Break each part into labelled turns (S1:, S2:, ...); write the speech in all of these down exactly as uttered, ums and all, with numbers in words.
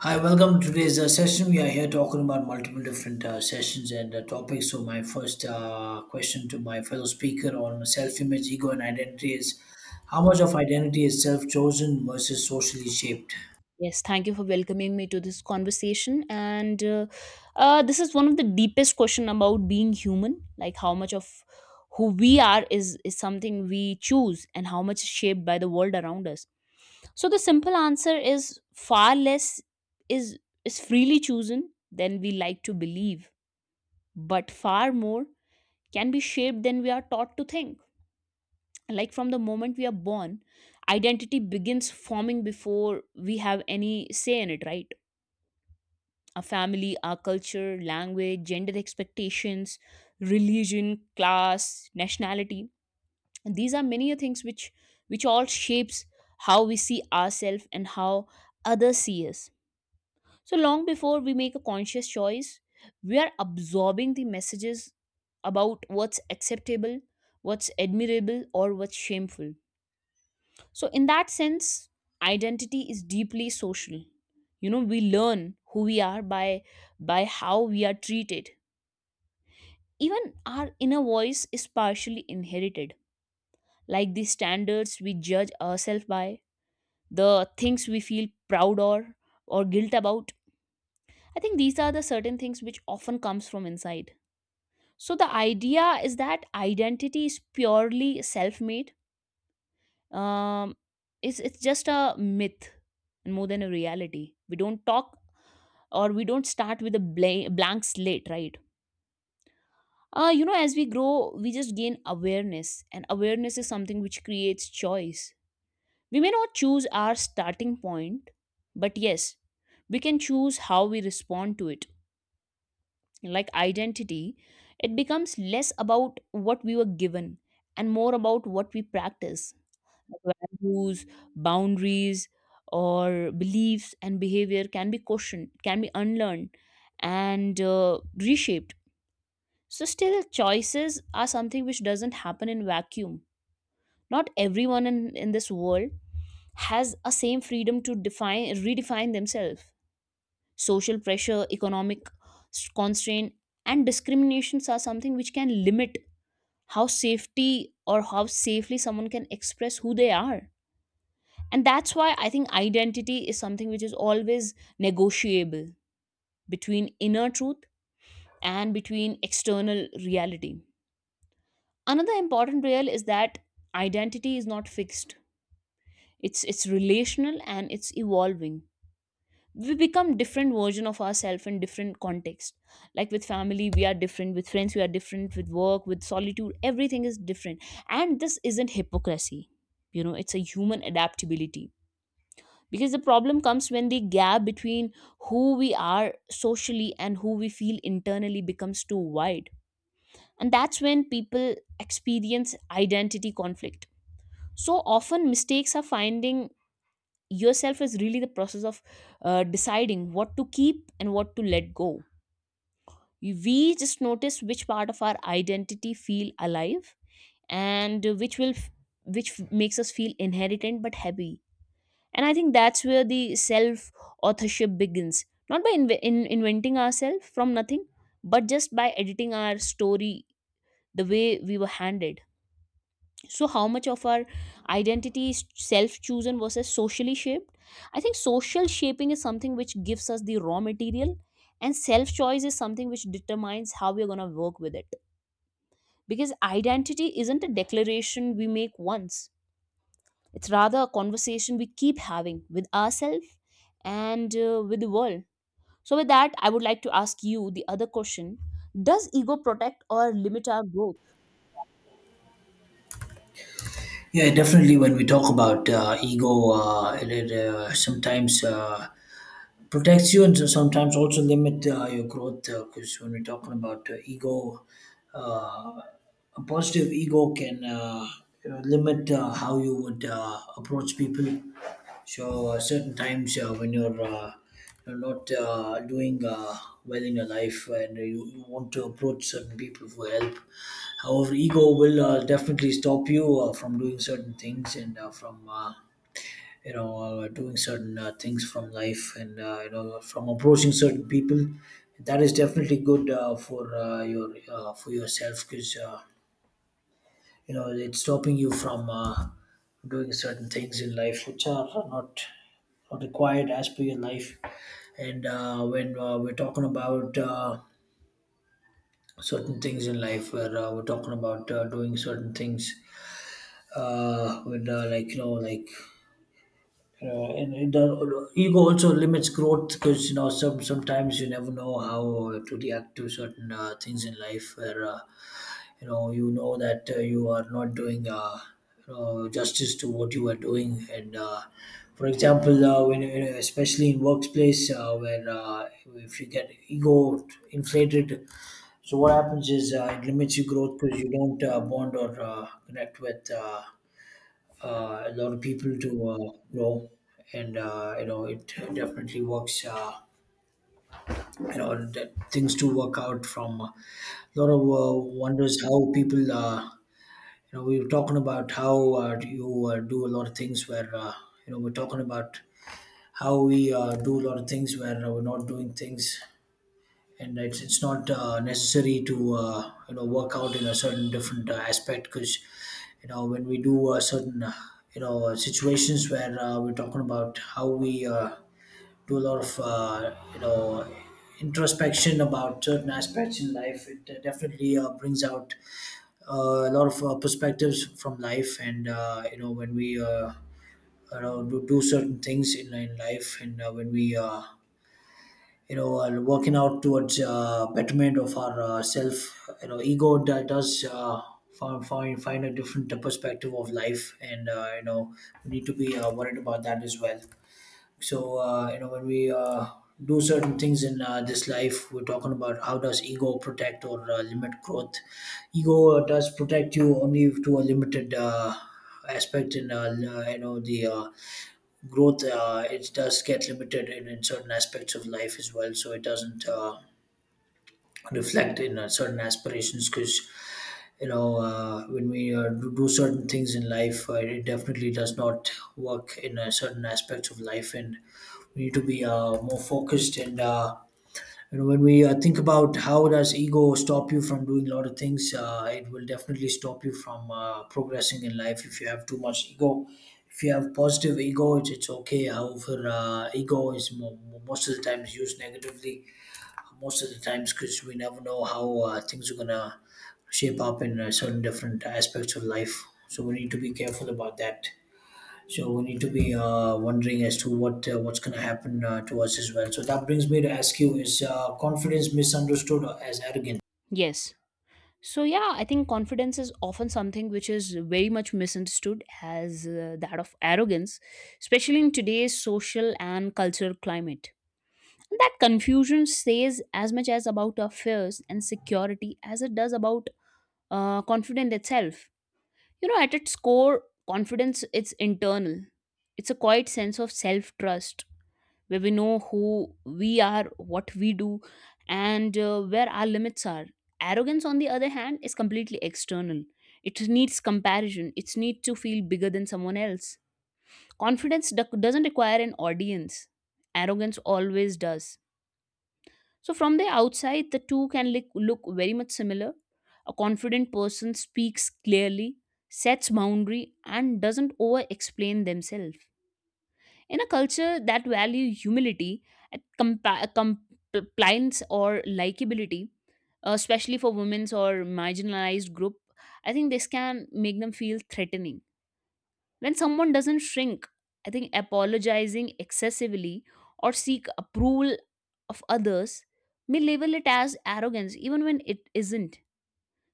S1: Hi, welcome to today's uh, session. We are here talking about multiple different uh, sessions and uh, topics. So, my first uh, question to my fellow speaker on self image, ego, and identity is how much of identity is self chosen versus socially shaped?
S2: Yes, thank you for welcoming me to this conversation. And uh, uh, This is one of the deepest question about being human, like how much of who we are is is something we choose, and how much is shaped by the world around us. So the simple answer is far less is is freely chosen than we like to believe, but far more can be shaped than we are taught to think. Like from the moment we are born, identity begins forming before we have any say in it, right? Our family, our culture, language, gender expectations, religion, class, nationality, and these are many a things which which all shapes how we see ourselves and how others see us. So long before we make a conscious choice, we are absorbing the messages about what's acceptable, what's admirable, or what's shameful. So, in that sense, identity is deeply social. You know, we learn who we are by by how we are treated. Even our inner voice is partially inherited, like the standards we judge ourselves by, the things we feel proud or or guilt about. I think these are the certain things which often comes from inside. So the idea is that identity is purely self-made. Um, it's it's just a myth and more than a reality. We don't talk or we don't start with a bla- blank slate, right? Uh, you know, as we grow, we just gain awareness, and awareness is something which creates choice. We may not choose our starting point, but yes, we can choose how we respond to it. Like identity, it becomes less about what we were given and more about what we practice. Like values, boundaries, or beliefs and behavior can be questioned, can be unlearned, and uh, reshaped. So still choices are something which doesn't happen in vacuum. Not everyone in, in this world has a same freedom to define, redefine themselves. Social pressure, economic s- constraint, and discriminations are something which can limit how safety or how safely someone can express who they are. And that's why I think identity is something which is always negotiable between inner truth and between external reality. Another important real is that identity is not fixed. It's it's relational and it's evolving. We become different version of ourselves in different context. Like with family, we are different. With friends, we are different. With work, with solitude, everything is different. And this isn't hypocrisy. You know, it's a human adaptability. Because the problem comes when the gap between who we are socially and who we feel internally becomes too wide. And that's when people experience identity conflict. So often mistakes are finding yourself is really the process of uh, deciding what to keep and what to let go. We just notice which part of our identity feel alive and which will, which makes us feel inheritant but heavy. And I think that's where the self authorship begins, not by inve in- inventing ourselves from nothing, but just by editing our story the way we were handed. So how much of our identity is self-chosen versus socially shaped? I think social shaping is something which gives us the raw material, and self-choice is something which determines how we're going to work with it. Because identity isn't a declaration we make once, it's rather a conversation we keep having with ourselves and uh, with the world. So with that, I would like to ask you the other question. Does ego protect or limit our growth?
S1: Yeah, definitely. When we talk about uh, ego, uh, it, it, uh, sometimes uh, protects you and so- sometimes also limit uh, your growth, because when we're talking about uh, ego, uh, a positive ego can uh, you know, limit uh, how you would uh, approach people. So uh, certain times uh, when you're, uh, you're not uh, doing uh, well in your life and you, you want to approach certain people for help. However, ego will uh, definitely stop you uh, from doing certain things, and uh, from uh, you know uh, doing certain uh, things from life, and uh, you know, from approaching certain people. That is definitely good uh, for uh, your uh, for yourself, because uh, you know, it's stopping you from uh, doing certain things in life which are not not required as per your life. And uh, when uh, we're talking about uh, certain things in life where uh, we're talking about uh, doing certain things uh, with uh, like you know, like uh, and it does, ego also limits growth, because you know, some sometimes you never know how uh, to react to certain uh, things in life where uh, you know, you know that uh, you are not doing uh, you know, justice to what you are doing. And uh, for example, uh, when you- especially in workplace uh, where uh, if you get ego inflated, so what happens is uh, it limits your growth because you don't uh, bond or uh, connect with uh, uh, a lot of people to uh, grow. And uh, you know, it definitely works, uh, you know, that things do work out from uh, a lot of uh, wonders how people uh, you know, we were talking about how uh, you uh, do a lot of things where uh, you know, we're talking about how we uh, do a lot of things where uh, we're not doing things, and it's it's not uh, necessary to uh, you know, work out in a certain different uh, aspect, because you know, when we do uh, certain uh, you know uh, situations where uh, we're talking about how we uh, do a lot of uh, you know, introspection about certain aspects in life, it uh, definitely uh, brings out uh, a lot of uh, perspectives from life. And uh, you know, when we uh, you know, do, do certain things in, in life. And uh, when we uh, you know, while working out towards uh, betterment of our uh, self, you know, ego d- does uh, find, find find a different perspective of life. And uh, you know, we need to be uh, worried about that as well. So uh, you know, when we uh, do certain things in uh, this life, we're talking about how does ego protect or uh, limit growth. Ego uh, does protect you only to a limited uh, aspect in uh, l- uh, you know, the uh, growth uh, it does get limited in, in certain aspects of life as well, so it doesn't uh, reflect in uh, certain aspirations, because you know, uh, when we uh, do do certain things in life, uh, it definitely does not work in uh, certain aspects of life. And we need to be uh, more focused. And uh, and when we uh, think about how does ego stop you from doing a lot of things, uh, it will definitely stop you from uh, progressing in life if you have too much ego. If you have positive ego, it's, it's okay. However, uh, ego is mo- mo- most of the times used negatively. Most of the times, because we never know how uh, things are gonna shape up in uh, certain different aspects of life. So we need to be careful about that. So we need to be uh, wondering as to what uh, what's going to happen uh, to us as well. So that brings me to ask you: Is uh, confidence misunderstood as arrogant?
S2: Yes. So yeah, I think confidence is often something which is very much misunderstood as uh, that of arrogance, especially in today's social and cultural climate. And that confusion says as much as about our fears and security as it does about uh, confidence itself. You know, at its core, confidence it's internal. It's a quiet sense of self-trust where we know who we are, what we do, and uh, where our limits are. Arrogance, on the other hand, is completely external. It needs comparison, it needs to feel bigger than someone else. Confidence do- doesn't require an audience, arrogance always does. So, from the outside, the two can look, look very much similar. A confident person speaks clearly, sets boundary, and doesn't over explain themselves in a culture that value humility, at compa- compliance, or likability, uh, especially for women's or marginalized group, I think this can make them feel threatening. When someone doesn't shrink, I think apologizing excessively or seek approval of others may label it as arrogance, even when it isn't.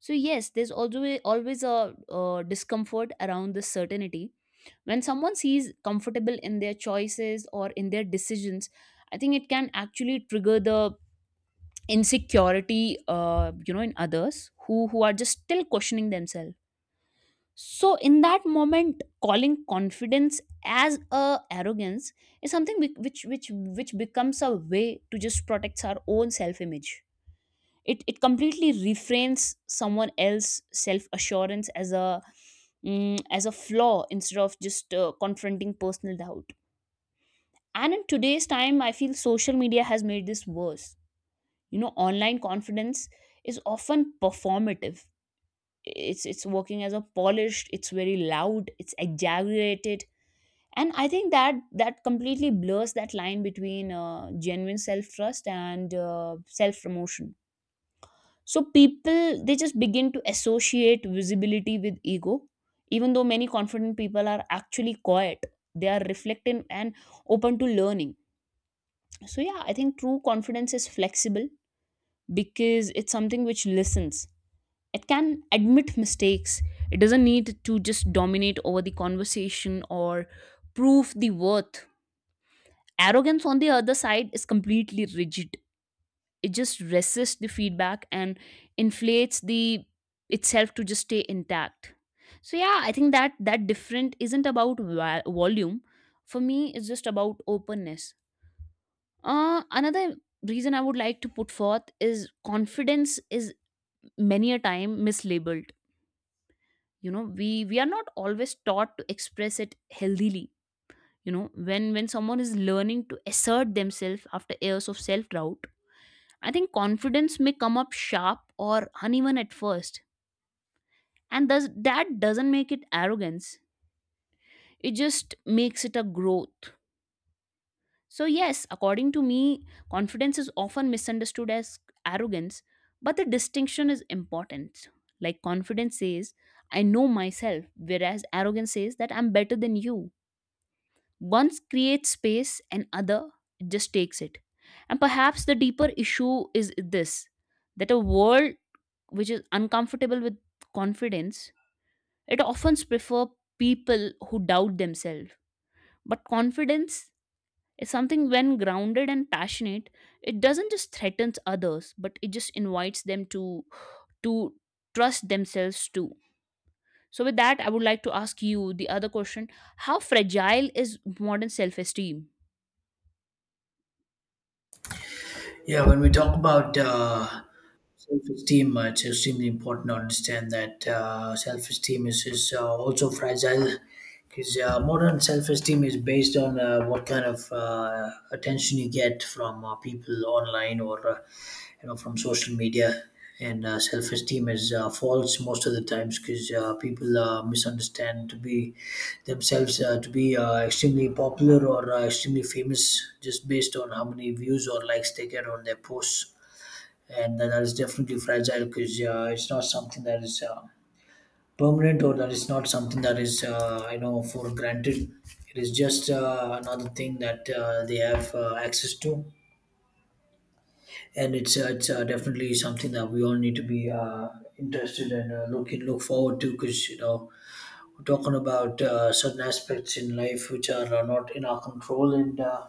S2: So yes, there's always always a uh discomfort around this certainty. When someone sees comfortable in their choices or in their decisions, I think it can actually trigger the insecurity, uh, you know in others who who are just still questioning themselves. So in that moment, calling confidence as a arrogance is something which which which, which becomes a way to just protect our own self image. it it completely refrains someone else self assurance as a mm, as a flaw, instead of just uh, confronting personal doubt. And in today's time, I feel social media has made this worse. You know, online confidence is often performative. It's it's working as a polished, it's very loud, it's exaggerated. And I think that that completely blurs that line between uh, genuine self trust and uh, self promotion. So people, they just begin to associate visibility with ego, even though many confident people are actually quiet. They are reflective and open to learning. So, yeah, I think true confidence is flexible because it's something which listens. It can admit mistakes. It doesn't need to just dominate over the conversation or prove the worth. Arrogance, on the other side, is completely rigid. It just resists the feedback and inflates the itself to just stay intact. So yeah, I think that that different isn't about va- volume. For me, it's just about openness. Uh, another reason I would like to put forth is confidence is many a time mislabeled. You know, we we are not always taught to express it healthily. You know, when when someone is learning to assert themselves after years of self doubt, I think confidence may come up sharp or uneven at first, and thus that doesn't make it arrogance. It just makes it a growth. So, yes, according to me, confidence is often misunderstood as arrogance, but the distinction is important. Like, confidence says, I know myself, whereas arrogance says that I'm better than you. One creates space and other just takes it. And perhaps the deeper issue is this, that a world which is uncomfortable with confidence, it often prefers people who doubt themselves. But confidence, it's something when grounded and passionate, it doesn't just threaten others, but it just invites them to to trust themselves too. So with that, I would like to ask you the other question. How fragile is modern self-esteem?
S1: Yeah, when we talk about uh, self-esteem, uh, it's extremely important to understand that uh, self-esteem is, is uh, also fragile, because uh, modern self-esteem is based on uh, what kind of uh, attention you get from uh, people online, or uh, you know, from social media. And uh, self-esteem is uh, false most of the times, because uh, people uh, misunderstand to be themselves uh, to be uh, extremely popular or uh, extremely famous, just based on how many views or likes they get on their posts. And that is definitely fragile, because uh, it's not something that is uh, permanent, or that is not something that is uh, you know, for granted. It is just uh, another thing that uh, they have uh, access to. And it's uh, it's uh, definitely something that we all need to be uh, interested and uh, looking look forward to, because you know, we're talking about uh, certain aspects in life which are uh, not in our control. And uh,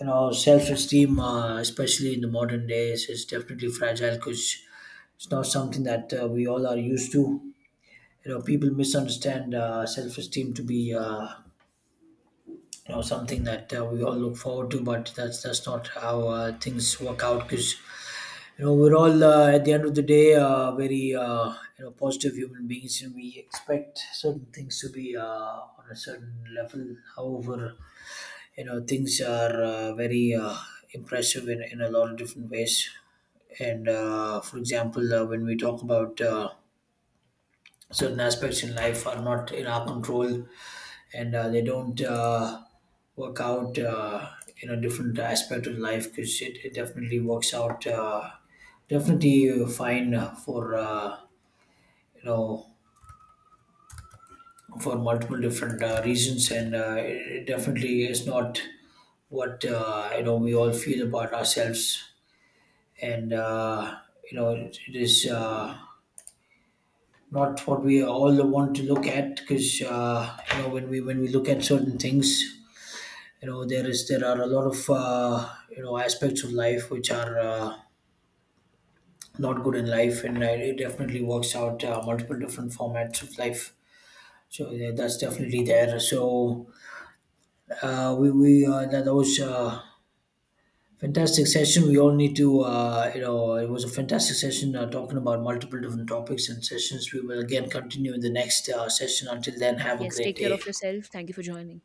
S1: you know, self-esteem, uh, especially in the modern days, is definitely fragile, because it's not something that uh, we all are used to. You know, people misunderstand uh, self-esteem to be uh, you know, something that uh, we all look forward to, but that's that's not how uh, things work out. Because you know, we're all uh, at the end of the day uh, very uh, you know, positive human beings, and we expect certain things to be uh, on a certain level. However, you know, things are uh, very uh, impressive in, in a lot of different ways. And uh, for example, uh, when we talk about uh, certain aspects in life are not in our control, and uh, they don't uh, work out uh, in a different aspect of life, because it, it definitely works out uh, definitely fine for uh, you know, for multiple different uh, reasons. And uh, it it definitely is not what uh, you know, we all feel about ourselves. And uh, you know, it, it is uh, not what we all want to look at, because uh, you know, when we when we look at certain things, you know, there is there are a lot of uh, you know, aspects of life which are uh, not good in life. And I, it definitely works out uh, multiple different formats of life. So yeah, that's definitely there. So uh, we we uh, that, that was uh, fantastic session. We all need to uh, you know it was a fantastic session uh, talking about multiple different topics and sessions. We will again continue in the next uh, session. Until then, have a
S2: Yes,
S1: great
S2: take care
S1: day.
S2: of yourself. Thank you for joining.